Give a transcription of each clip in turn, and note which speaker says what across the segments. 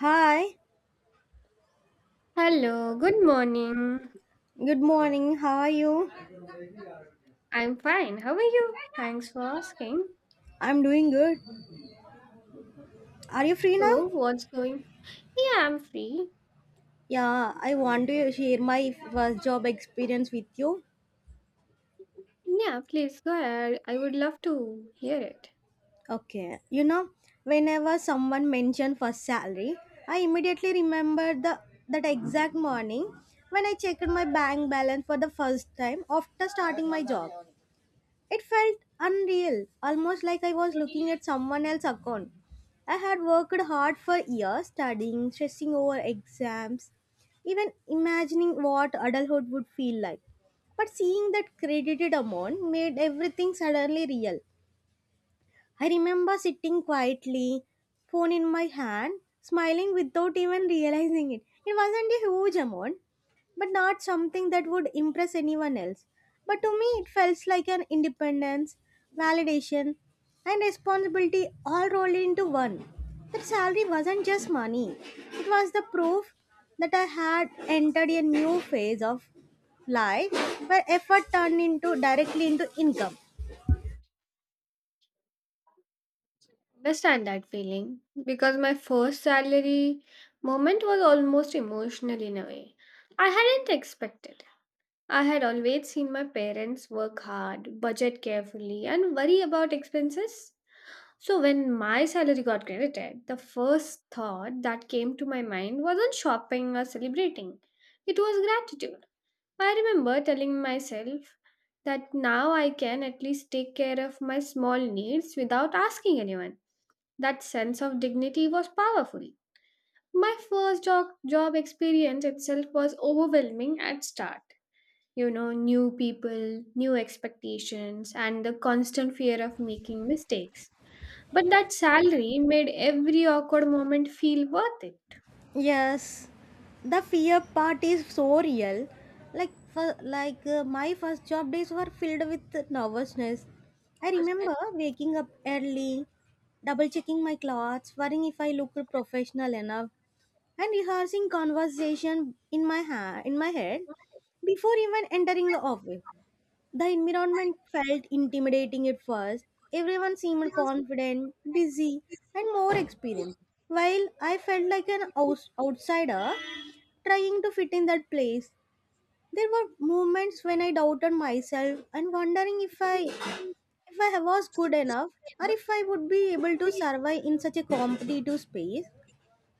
Speaker 1: Hi,
Speaker 2: Hello, good morning.
Speaker 1: good morning. How are you?
Speaker 2: I'm fine. How are you? Thanks for asking.
Speaker 1: I'm doing good. Are you free now?
Speaker 2: So, what's going? Yeah, I'm free.
Speaker 1: Yeah, I want to share my first job experience with you.
Speaker 2: Yeah, please go ahead. I would love to hear it.
Speaker 1: Okay, you know, whenever someone mentioned first salary, I immediately remembered the that exact morning when I checked my bank balance for the first time after starting my job. It felt unreal, almost like I was looking at someone else's account. I had worked hard for years studying, stressing over exams, even imagining what adulthood would feel like. But seeing that credited amount made everything suddenly real. I remember sitting quietly, phone in my hand, smiling without even realizing it. It wasn't a huge amount, but not something that would impress anyone else. But to me, it felt like an independence, validation, and responsibility all rolled into one. That salary wasn't just money, it was the proof that I had entered a new phase of life where effort turned into directly into income.
Speaker 2: Understand that feeling because my first salary moment was almost emotional in a way. I hadn't expected. I had always seen my parents work hard, budget carefully, and worry about expenses. So when my salary got credited, the first thought that came to my mind wasn't shopping or celebrating. It was gratitude. I remember telling myself that now I can at least take care of my small needs without asking anyone. That sense of dignity was powerful. My first job experience itself was overwhelming at start. You know, new people, new expectations and the constant fear of making mistakes. But that salary made every awkward moment feel worth it.
Speaker 1: Yes, the fear part is so real. Like, for, like My first job days were filled with nervousness. I remember waking up early, double checking my clothes, worrying if I looked professional enough, and rehearsing conversation in my head before even entering the office. The environment felt intimidating at first. Everyone seemed confident, busy, and more experienced, while I felt like an outsider trying to fit in that place. There were moments when I doubted myself and wondering if I was good enough or if I would be able to survive in such a competitive space.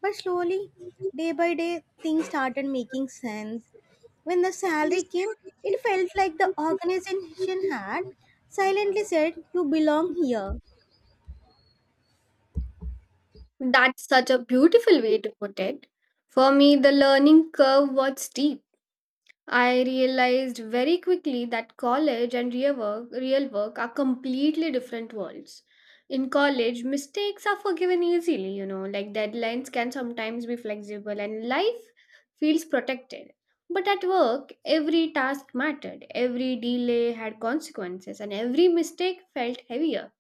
Speaker 1: But slowly, day by day, things started making sense. When the salary came, it felt like the organization had silently said, "You belong here."
Speaker 2: That's such a beautiful way to put it. For me, the learning curve was steep. I realized very quickly that college and real work are completely different worlds. In college, mistakes are forgiven easily, you know, like deadlines can sometimes be flexible and life feels protected. But at work, every task mattered, every delay had consequences, and every mistake felt heavier.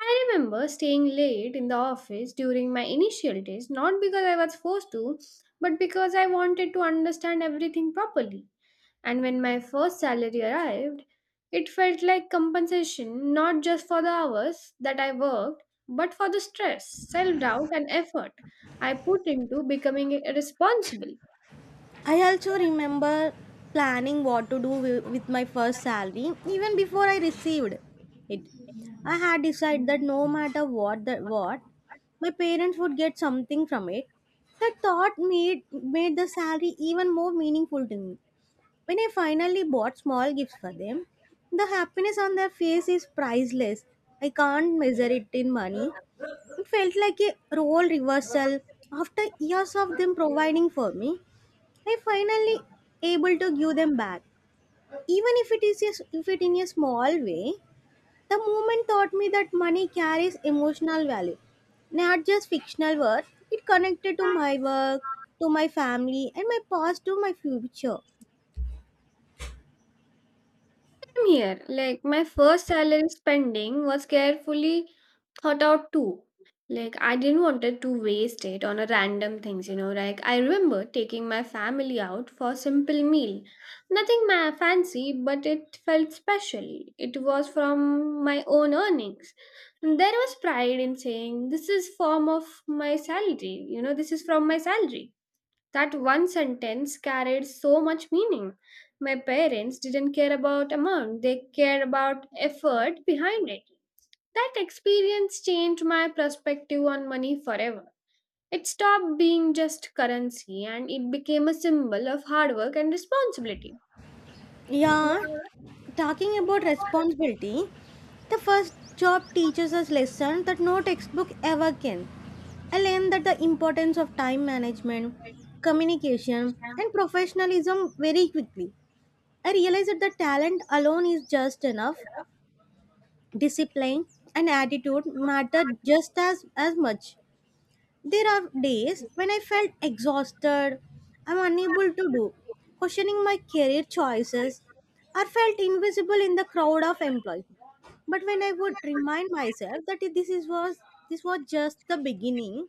Speaker 2: I remember staying late in the office during my initial days, not because I was forced to, but because I wanted to understand everything properly. And when my first salary arrived, it felt like compensation not just for the hours that I worked, but for the stress, self doubt, and effort I put into becoming responsible.
Speaker 1: I also remember planning what to do with my first salary even before I received it. I had decided that no matter what, my parents would get something from it. That thought made the salary even more meaningful to me. When I finally bought small gifts for them, the happiness on their face is priceless. I can't measure it in money. It felt like a role reversal. After years of them providing for me, I finally able to give them back. Even if it is if it in a small way, the moment taught me that money carries emotional value, not just fictional worth. It connected to my work, to my family, and my past to my future.
Speaker 2: Same here, like my first salary spending was carefully thought out too. Like I didn't wanted to waste it on a random things, you know. Like I remember taking my family out for a simple meal. Nothing fancy, but it felt special. It was from my own earnings. And there was pride in saying this is form of my salary, you know, this is from my salary. That one sentence carried so much meaning. My parents didn't care about amount, they cared about effort behind it. That experience changed my perspective on money forever. It stopped being just currency and it became a symbol of hard work and responsibility.
Speaker 1: Yeah, talking about responsibility, the first job teaches us lesson that no textbook ever can. I learned that the importance of time management, communication, and professionalism very quickly. I realized that the talent alone is just enough. Discipline and attitude matter as much. There are days when I felt exhausted, I'm unable to do, questioning my career choices, or felt invisible in the crowd of employees. But when I would remind myself that this was just the beginning,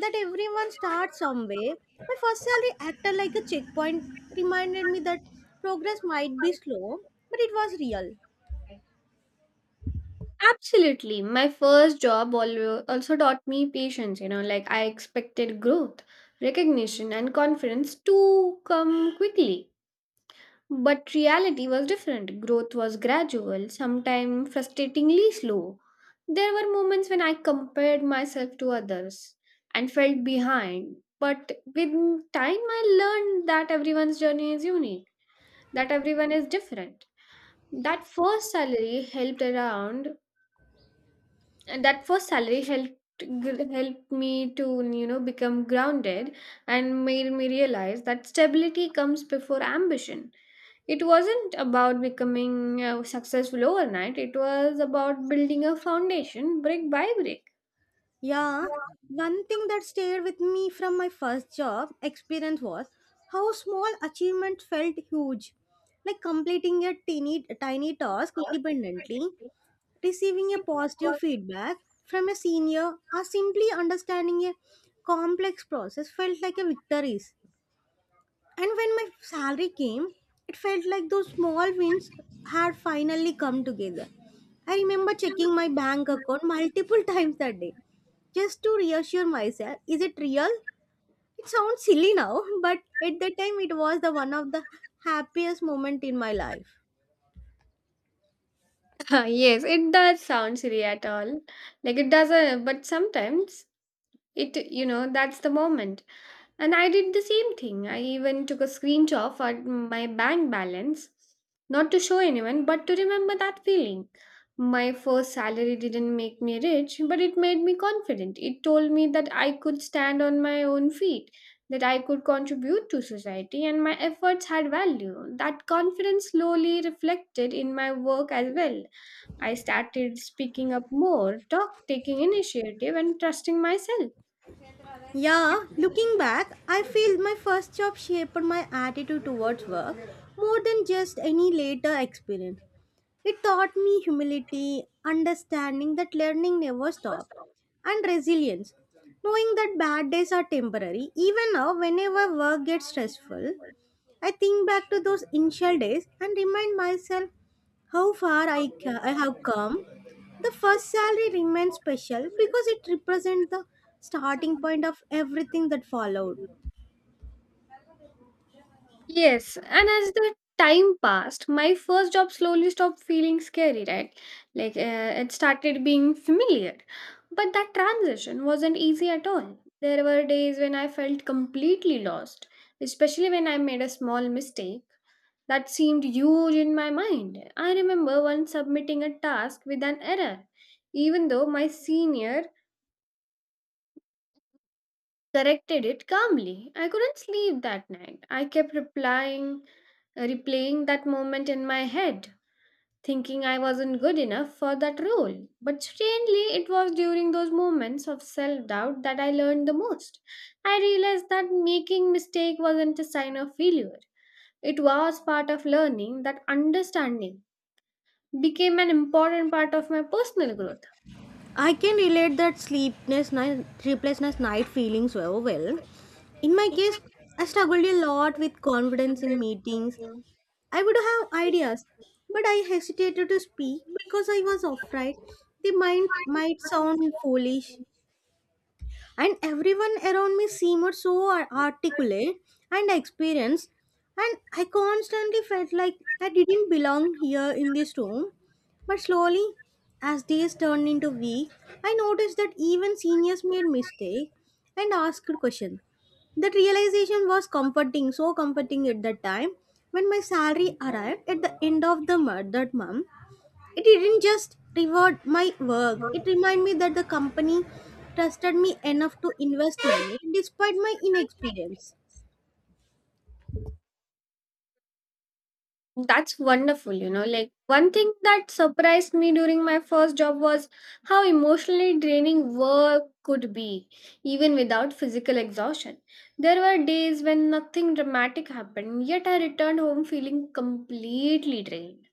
Speaker 1: that everyone starts somewhere, my first salary acted like a checkpoint, reminded me that progress might be slow, but it was real.
Speaker 2: Absolutely. My first job also taught me patience, you know, like I expected growth, recognition, and confidence to come quickly. But reality was different. Growth was gradual, sometimes frustratingly slow. There were moments when I compared myself to others and felt behind. But with time, I learned that everyone's journey is unique, that everyone is different. That first salary helped around, and that first salary helped helped me to become grounded and made me realize that stability comes before ambition. It wasn't about becoming successful overnight, it was about building a foundation brick by brick.
Speaker 1: Yeah, one thing that stayed with me from my first job experience was how small achievements felt huge. Like completing a tiny, tiny task independently, receiving a positive feedback from a senior, or simply understanding a complex process felt like a victory. And when my salary came, it felt like those small wins had finally come together. I remember checking my bank account multiple times that day just to reassure myself, is it real? It sounds silly now, but at that time it was the one of the happiest moment in my life.
Speaker 2: Yes, it does sound silly at all. Like it doesn't, but sometimes it, you know, that's the moment. And I did the same thing. I even took a screenshot of my bank balance, not to show anyone but to remember that feeling. My first salary didn't make me rich, but it made me confident. It told me that I could stand on my own feet, that I could contribute to society and my efforts had value. That confidence slowly reflected in my work as well. I started speaking up more, talk taking initiative and trusting myself.
Speaker 1: Yeah, looking back, I feel my first job shaped my attitude towards work more than just any later experience. It taught me humility, understanding that learning never stops, and resilience. Knowing that bad days are temporary, even now, whenever work gets stressful, I think back to those initial days and remind myself how far I have come. The first salary remains special because it represents the starting point of everything that followed.
Speaker 2: Yes, and as the time passed, my first job slowly stopped feeling scary, right? Like it started being familiar. But that transition wasn't easy at all. There were days when I felt completely lost, especially when I made a small mistake that seemed huge in my mind. I remember once submitting a task with an error, even though my senior corrected it calmly. I couldn't sleep that night. Replaying that moment in my head, thinking I wasn't good enough for that role. But strangely, it was during those moments of self doubt that I learned the most. I realized that making mistake wasn't a sign of failure. It was part of learning. That understanding became an important part of my personal growth.
Speaker 1: I can relate that sleeplessness night feeling so well. In my case, I struggled a lot with confidence in meetings. I would have ideas, but I hesitated to speak because I was afraid they might sound foolish. And everyone around me seemed so articulate and experienced, and I constantly felt like I didn't belong here in this room. But slowly, as days turned into weeks, I noticed that even seniors made mistakes and asked questions. That realization was comforting so comforting at that time. When my salary arrived at the end of the month that month, it didn't just reward my work, it reminded me that the company trusted me enough to invest in me despite my inexperience.
Speaker 2: That's wonderful, you know. Like, one thing that surprised me during my first job was how emotionally draining work could be, even without physical exhaustion. There were days when nothing dramatic happened, yet I returned home feeling completely drained.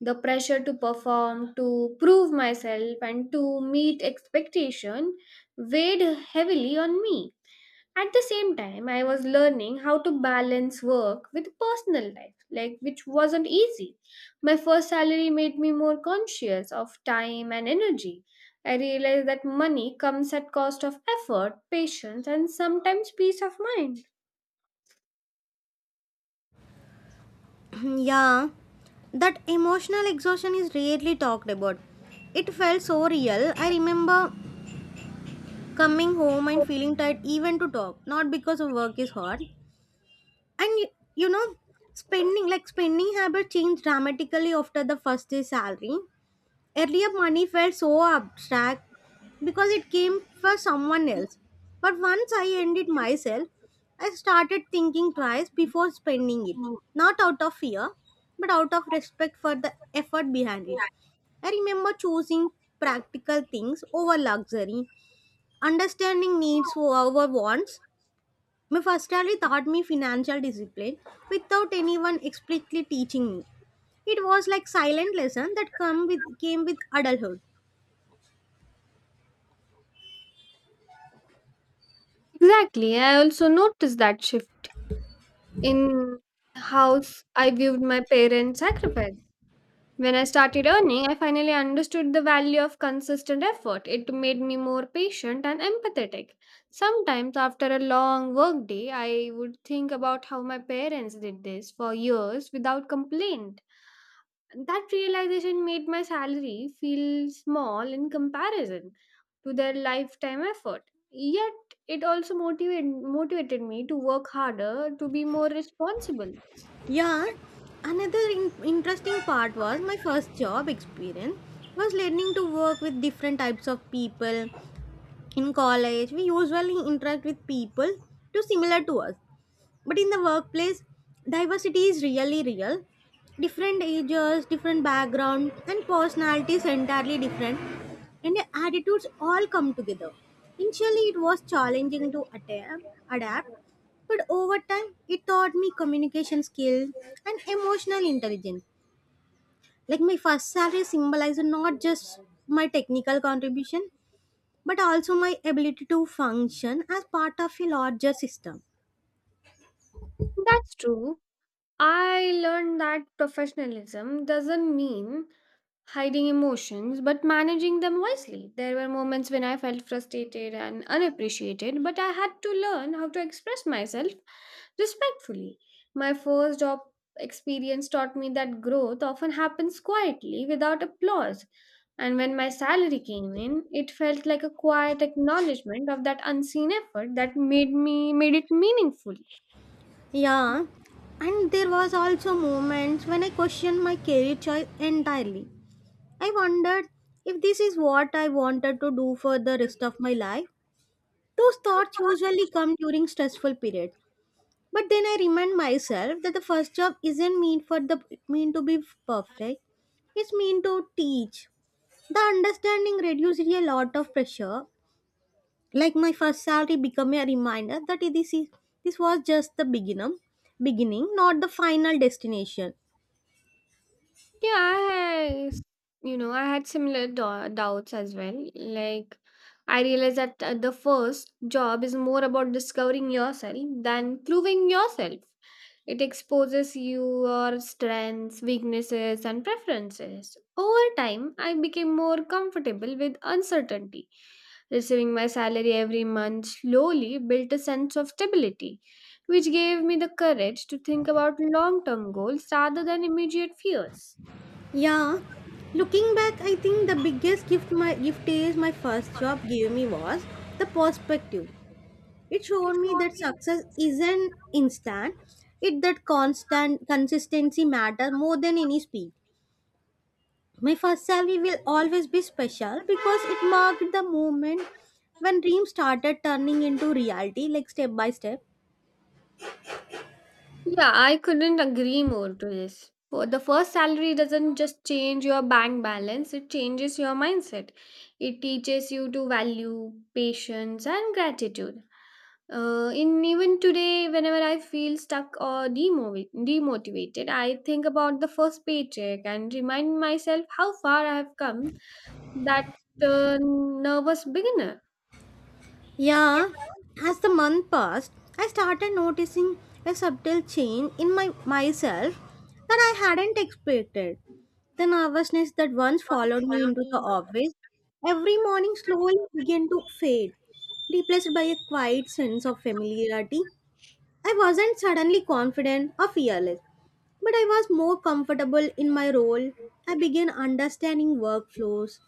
Speaker 2: The pressure to perform, to prove myself, and to meet expectation weighed heavily on me. At the same time, I was learning how to balance work with personal life, like which wasn't easy. My first salary made me more conscious of time and energy. I realized that money comes at cost of effort, patience, and sometimes peace of mind.
Speaker 1: Yeah, that emotional exhaustion is rarely talked about. It felt so real. I remember coming home and feeling tired even to talk, not because of work is hard. And y- you know, spending, spending habits changed dramatically after the first day salary. Earlier, money felt so abstract because it came for someone else. But once I earned it myself, I started thinking twice before spending it. Not out of fear, but out of respect for the effort behind it. I remember choosing practical things over luxury, understanding needs over wants. My first salary taught me financial discipline without anyone explicitly teaching me. It was like silent lesson that came with adulthood.
Speaker 2: Exactly. I also noticed that shift in how I viewed my parents' sacrifice. When I started earning, I finally understood the value of consistent effort. It made me more patient and empathetic. Sometimes, after a long workday, I would think about how my parents did this for years without complaint. That realization made my salary feel small in comparison to their lifetime effort. Yet, it also motivated me to work harder, to be more responsible.
Speaker 1: Yeah, another interesting part was my first job experience was learning to work with different types of people. In college, we usually interact with people too similar to us, but in the workplace diversity is really real. Different ages, different background, and personalities entirely different, and the attitudes all come together. Initially it was challenging to adapt, but over time it taught me communication skills and emotional intelligence. Like my first salary symbolized not just my technical contribution but also my ability to function as part of a larger system.
Speaker 2: That's true. I learned that professionalism doesn't mean hiding emotions but managing them wisely. There were moments when I felt frustrated and unappreciated, but I had to learn how to express myself respectfully. My first job experience taught me that growth often happens quietly without applause, and when my salary came in, it felt like a quiet acknowledgement of that unseen effort that made it meaningful.
Speaker 1: Yeah, and there was also moments when I questioned my career choice entirely. I wondered if this is what I wanted to do for the rest of my life. Those thoughts usually come during stressful periods. But then I remind myself that the first job isn't meant for the meant to be perfect. It's meant to teach. The understanding reduces a lot of pressure. Like my first salary became a reminder that this was just the beginning, not the final destination.
Speaker 2: Yeah, I s- you know, I had similar doubts as well. Like, I realized that the first job is more about discovering yourself than proving yourself. It exposes your strengths, weaknesses, and preferences. Over time, I became more comfortable with uncertainty. Receiving my salary every month slowly built a sense of stability, which gave me the courage to think about long term goals rather than immediate fears.
Speaker 1: Yeah, looking back, I think the biggest gift my gift is my first job gave me was the perspective. It showed me that success isn't instant, it that constant consistency matters more than any speed. My first salary will always be special because it marked the moment when dreams started turning into reality, like step by step.
Speaker 2: Yeah, I couldn't agree more to this. For the first salary doesn't just change your bank balance, it changes your mindset. It teaches you to value patience and gratitude. In even today, whenever I feel stuck or demotivated, I think about the first paycheck and remind myself how far I have come that nervous beginner.
Speaker 1: Yeah, as the month passed, I started noticing a subtle change in my myself that I hadn't expected. The nervousness that once followed me into the office every morning slowly began to fade, replaced by a quiet sense of familiarity. I wasn't suddenly confident or fearless, but I was more comfortable in my role. I began understanding workflows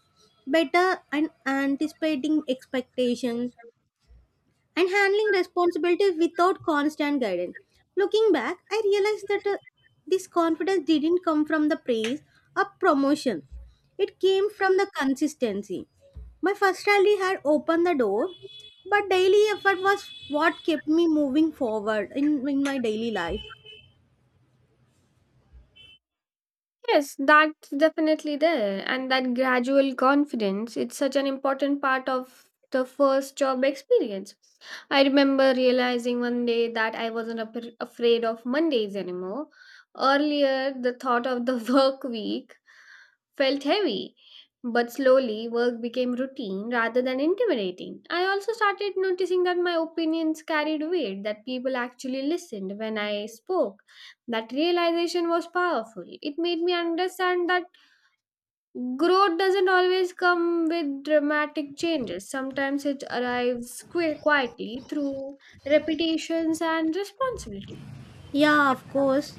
Speaker 1: better and anticipating expectations and handling responsibilities without constant guidance. Looking back, I realized that this confidence didn't come from the praise or promotion, it came from the consistency. My first rally had opened the door, but daily effort was what kept me moving forward in my daily life.
Speaker 2: Yes, that's definitely there. And that gradual confidence, it's such an important part of the first job experience. I remember realizing one day that I wasn't afraid of Mondays anymore. Earlier, the thought of the work week felt heavy, but slowly work became routine rather than intimidating. I also started noticing that my opinions carried weight, that people actually listened when I spoke. That realization was powerful. It made me understand that growth doesn't always come with dramatic changes. Sometimes it arrives quietly through repetitions and responsibility.
Speaker 1: Yeah, of course.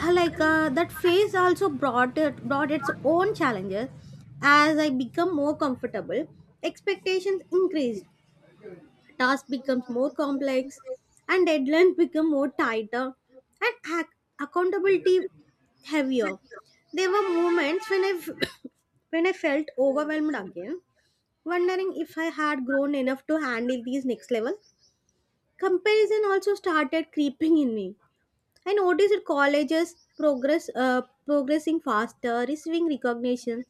Speaker 1: That phase also brought its own challenges. As I become more comfortable, expectations increased, tasks becomes more complex, and deadlines become more tighter, and accountability heavier. There were moments when when I felt overwhelmed again, wondering if I had grown enough to handle these next level. Comparison also started creeping in me. I noticed colleges progressing faster, receiving recognition,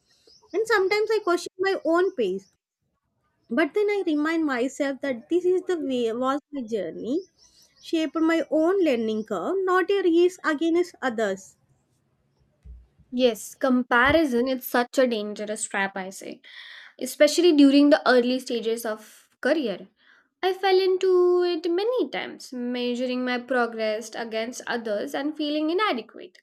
Speaker 1: and sometimes I questioned my own pace. But then I remind myself that this is the way was my journey, shaped my own learning curve, not a race against others.
Speaker 2: Yes, comparison is such a dangerous trap, I say, especially during the early stages of career. I fell into it many times, measuring my progress against others and feeling inadequate.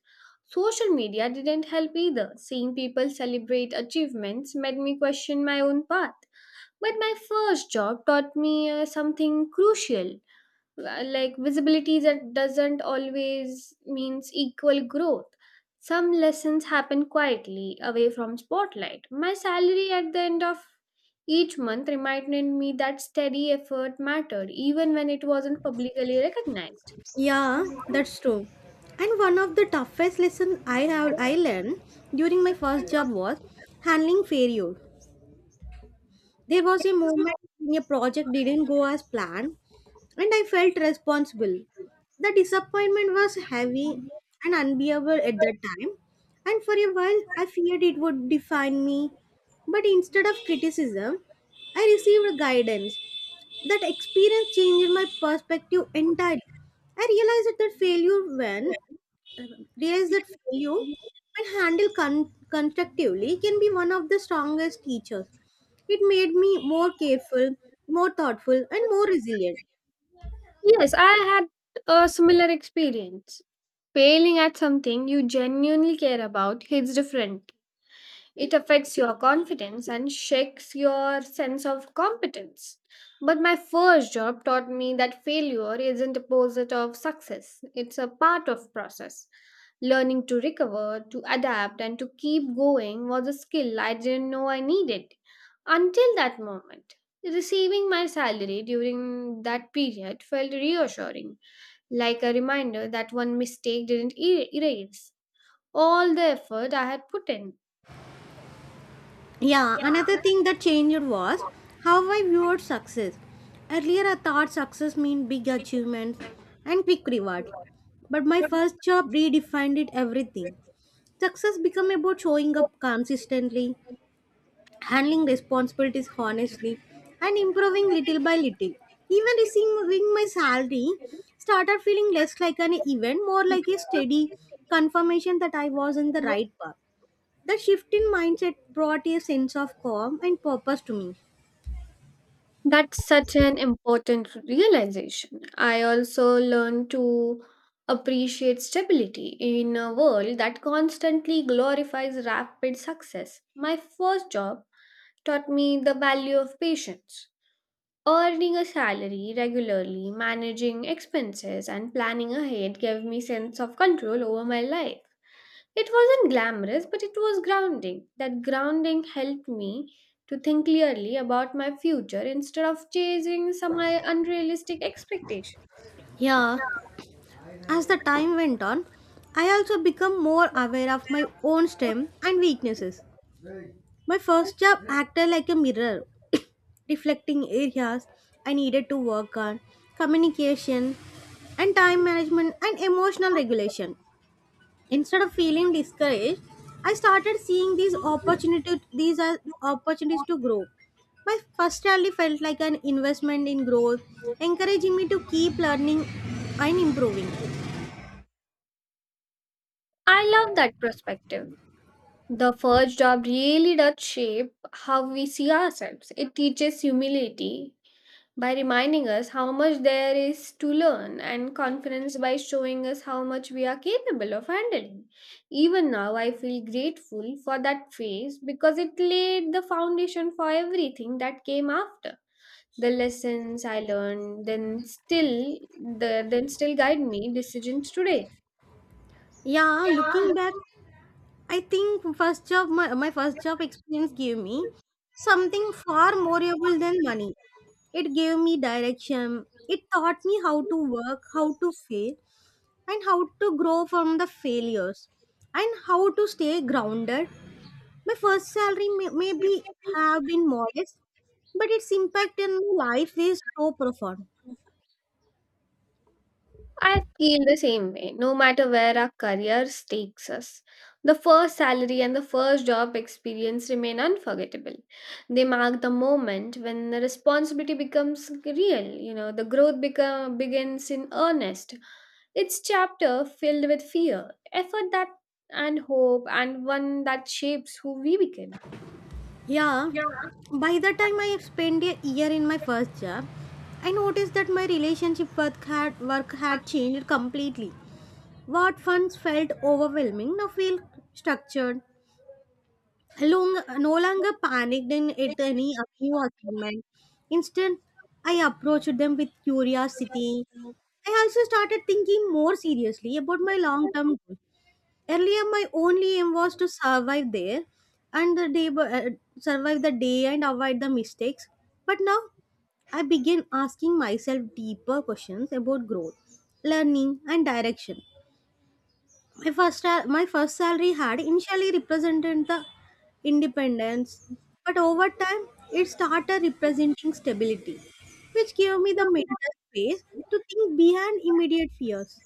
Speaker 2: Social media didn't help either. Seeing people celebrate achievements made me question my own path. But my first job taught me something crucial, like visibility that doesn't always means equal growth. Some lessons happen quietly away from spotlight. My salary at the end of each month reminded me that steady effort mattered even when it wasn't publicly recognized.
Speaker 1: Yeah, that's true. And one of the toughest lessons I learned during my first job was handling failure. There was a moment when a project didn't go as planned, and I felt responsible. The disappointment was heavy and unbearable at that time, and for a while I feared it would define me. But instead of criticism, I received guidance. That experience changed my perspective entirely. I realized that failure when Realize that failure, when handled constructively, can be one of the strongest teachers. It made me more careful, more thoughtful, and more resilient.
Speaker 2: Yes, I had a similar experience. Failing at something you genuinely care about hits different. It affects your confidence and shakes your sense of competence. But my first job taught me that failure isn't opposite of success. It's a part of process. Learning to recover, to adapt and to keep going was a skill I didn't know I needed until that moment. Receiving my salary during that period felt reassuring, like a reminder that one mistake didn't erase all the effort I had put in.
Speaker 1: Yeah, another thing that changed was how I viewed success. Earlier, I thought success meant big achievements and quick rewards, but my first job redefined it everything. Success became about showing up consistently, handling responsibilities honestly and improving little by little. Even receiving my salary started feeling less like an event, more like a steady confirmation that I was on the right path. The shift in mindset brought a sense of calm and purpose to me.
Speaker 2: That's such an important realization. I also learned to appreciate stability in a world that constantly glorifies rapid success. My first job taught me the value of patience. Earning a salary regularly, managing expenses, and planning ahead gave me sense of control over my life. It wasn't glamorous, but it was grounding. That grounding helped me to think clearly about my future instead of chasing some unrealistic expectations.
Speaker 1: Yeah, as the time went on, I also became more aware of my own strengths and weaknesses. My first job acted like a mirror, reflecting areas I needed to work on communication and time management and emotional regulation. Instead of feeling discouraged, I started seeing these are opportunities to grow. My first salary felt like an investment in growth, encouraging me to keep learning and improving.
Speaker 2: I love that perspective. The first job really does shape how we see ourselves. It teaches humility by reminding us how much there is to learn and confidence by showing us how much we are capable of handling. Even now, I feel grateful for that phase because it laid the foundation for everything that came after. The lessons I learned then still guide me decisions today.
Speaker 1: Yeah, looking back, I think my first job experience gave me something far more valuable than money. It gave me direction. It taught me how to work, how to fail, and how to grow from the failures, and how to stay grounded. My first salary maybe have been modest, but its impact in my life is so profound.
Speaker 2: I feel the same way, no matter where our careers takes us. The first salary and the first job experience remain unforgettable. They mark the moment when the responsibility becomes real, you know, the begins in earnest. It's chapter filled with fear, effort that and hope, and one that shapes who we become.
Speaker 1: Yeah, by the time I spent a year in my first job, I noticed that my relationship work had changed completely. What once felt overwhelming now feel structured. No longer panicked in at any new assignment. Instead, I approached them with curiosity. I also started thinking more seriously about my long-term goals. Earlier my only aim was to and the day bu- uh, survive the day and avoid the mistakes, but now I began asking myself deeper questions about growth, learning and direction. My first salary had initially represented the independence, but over time it started representing stability, which gave me the mental space to think beyond immediate fears.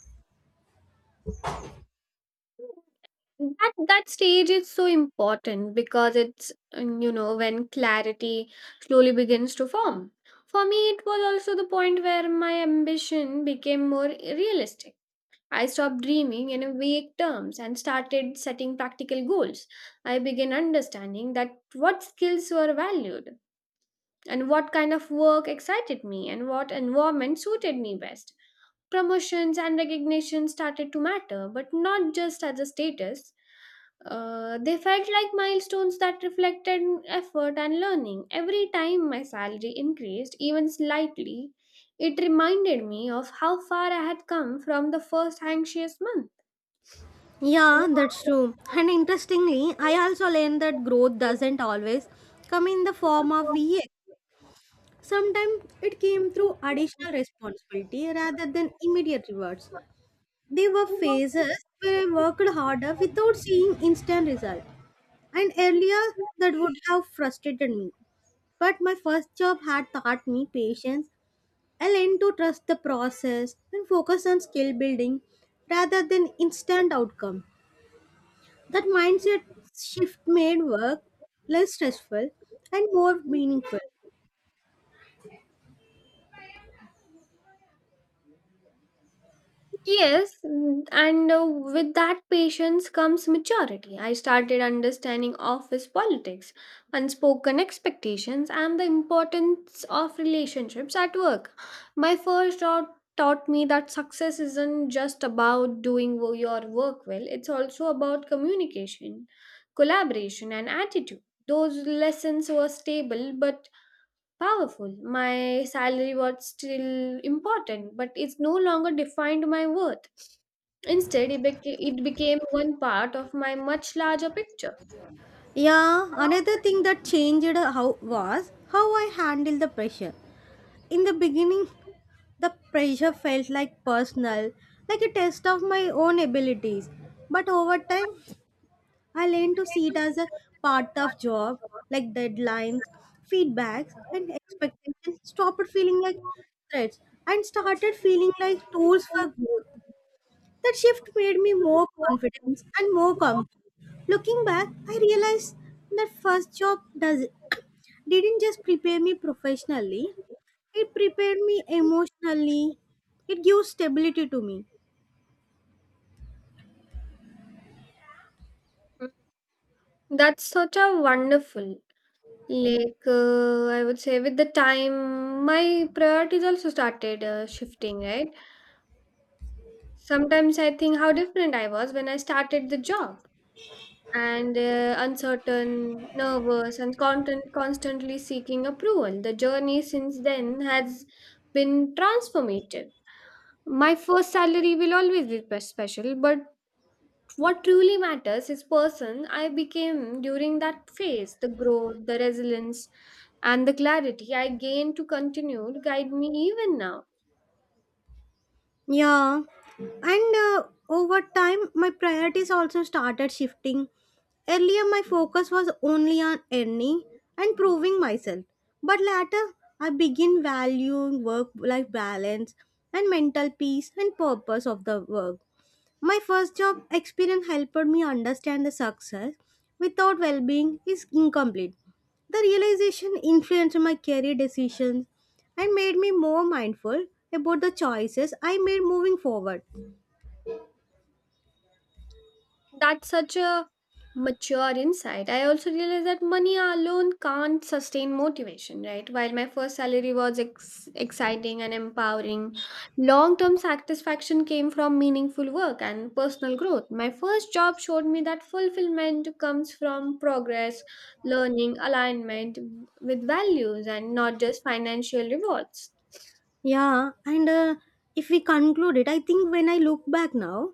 Speaker 2: That stage is so important because it's you know, when clarity slowly begins to form. For me it was also the point where my ambition became more realistic. I stopped dreaming in vague terms and started setting practical goals. I began understanding that what skills were valued, and what kind of work excited me, and what environment suited me best. Promotions and recognition started to matter, but not just as a status. They felt like milestones that reflected effort and learning. Every time my salary increased, even slightly, it reminded me of how far I had come from the first anxious month.
Speaker 1: Yeah, that's true. And interestingly, I also learned that growth doesn't always come in the form of VA. Sometimes it came through additional responsibility rather than immediate rewards. There were phases where I worked harder without seeing instant result. And earlier that would have frustrated me. But my first job had taught me patience. I learned to trust the process and focus on skill building rather than instant outcome. That mindset shift made work less stressful and more meaningful.
Speaker 2: Yes, mm, and with that patience comes maturity. I started understanding office politics, unspoken expectations, and the importance of relationships at work. My first job taught me that success isn't just about doing your work well, it's also about communication, collaboration, and attitude. Those lessons were stable but powerful. My salary was still important, but it's no longer defined my worth. Instead, it became one part of my much larger picture.
Speaker 1: Yeah, another thing that changed how was how I handled the pressure. In the beginning, the pressure felt like personal, like a test of my own abilities. But over time, I learned to see it as a part of job, like deadlines, feedbacks, and expectations. Stopped feeling like threats and started feeling like tools for growth. That shift made me more confident and more calm. Looking back, I realized that first job does didn't just prepare me professionally, it prepared me emotionally. It gives stability to me.
Speaker 2: That's such a wonderful. Like, I would say, with the time, my priorities also started shifting, right? Sometimes I think how different I was when I started the job. And uncertain, nervous, and content, constantly seeking approval. The journey since then has been transformative. My first salary will always be special, but what truly matters is person I became during that phase, the growth, the resilience, and the clarity I gained to continue to guide me even now.
Speaker 1: Yeah, and over time, my priorities also started shifting. Earlier, my focus was only on earning and proving myself, but later, I begin valuing work life balance and mental peace and purpose of the work. My first job experience helped me understand the success without well being is incomplete. The realization influenced my career decisions and made me more mindful about the choices I made moving forward.
Speaker 2: That's such a mature insight. I also realized that money alone can't sustain motivation, right? While my first salary was exciting and empowering, long term satisfaction came from meaningful work and personal growth. My first job showed me that fulfillment comes from progress, learning, alignment with values, and not just financial rewards.
Speaker 1: Yeah, and if we conclude it, I think when I look back now,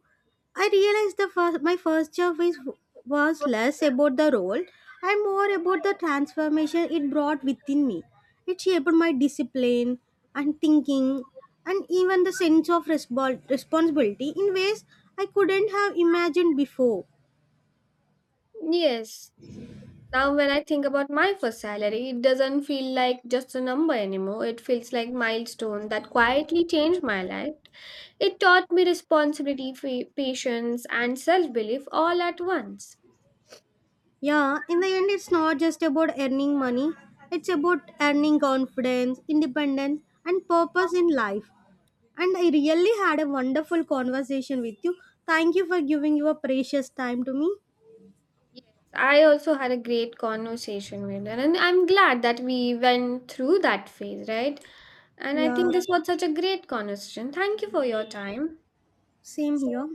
Speaker 1: I realized the was less about the role and more about the transformation it brought within me. It shaped my discipline and thinking and even the sense of responsibility in ways I couldn't have imagined before.
Speaker 2: Yes. Now, when I think about my first salary, it doesn't feel like just a number anymore. It feels like milestone that quietly changed my life. It taught me responsibility, patience, and self-belief all at once.
Speaker 1: Yeah, in the end, it's not just about earning money, it's about earning confidence, independence, and purpose in life. And I really had a wonderful conversation with you. Thank you for giving your precious time to me.
Speaker 2: Yes, I also had a great conversation with her, and I'm glad that we went through that phase, right? And I
Speaker 1: Yeah,
Speaker 2: think this was such a great conversation. Thank you for your time.
Speaker 1: same here.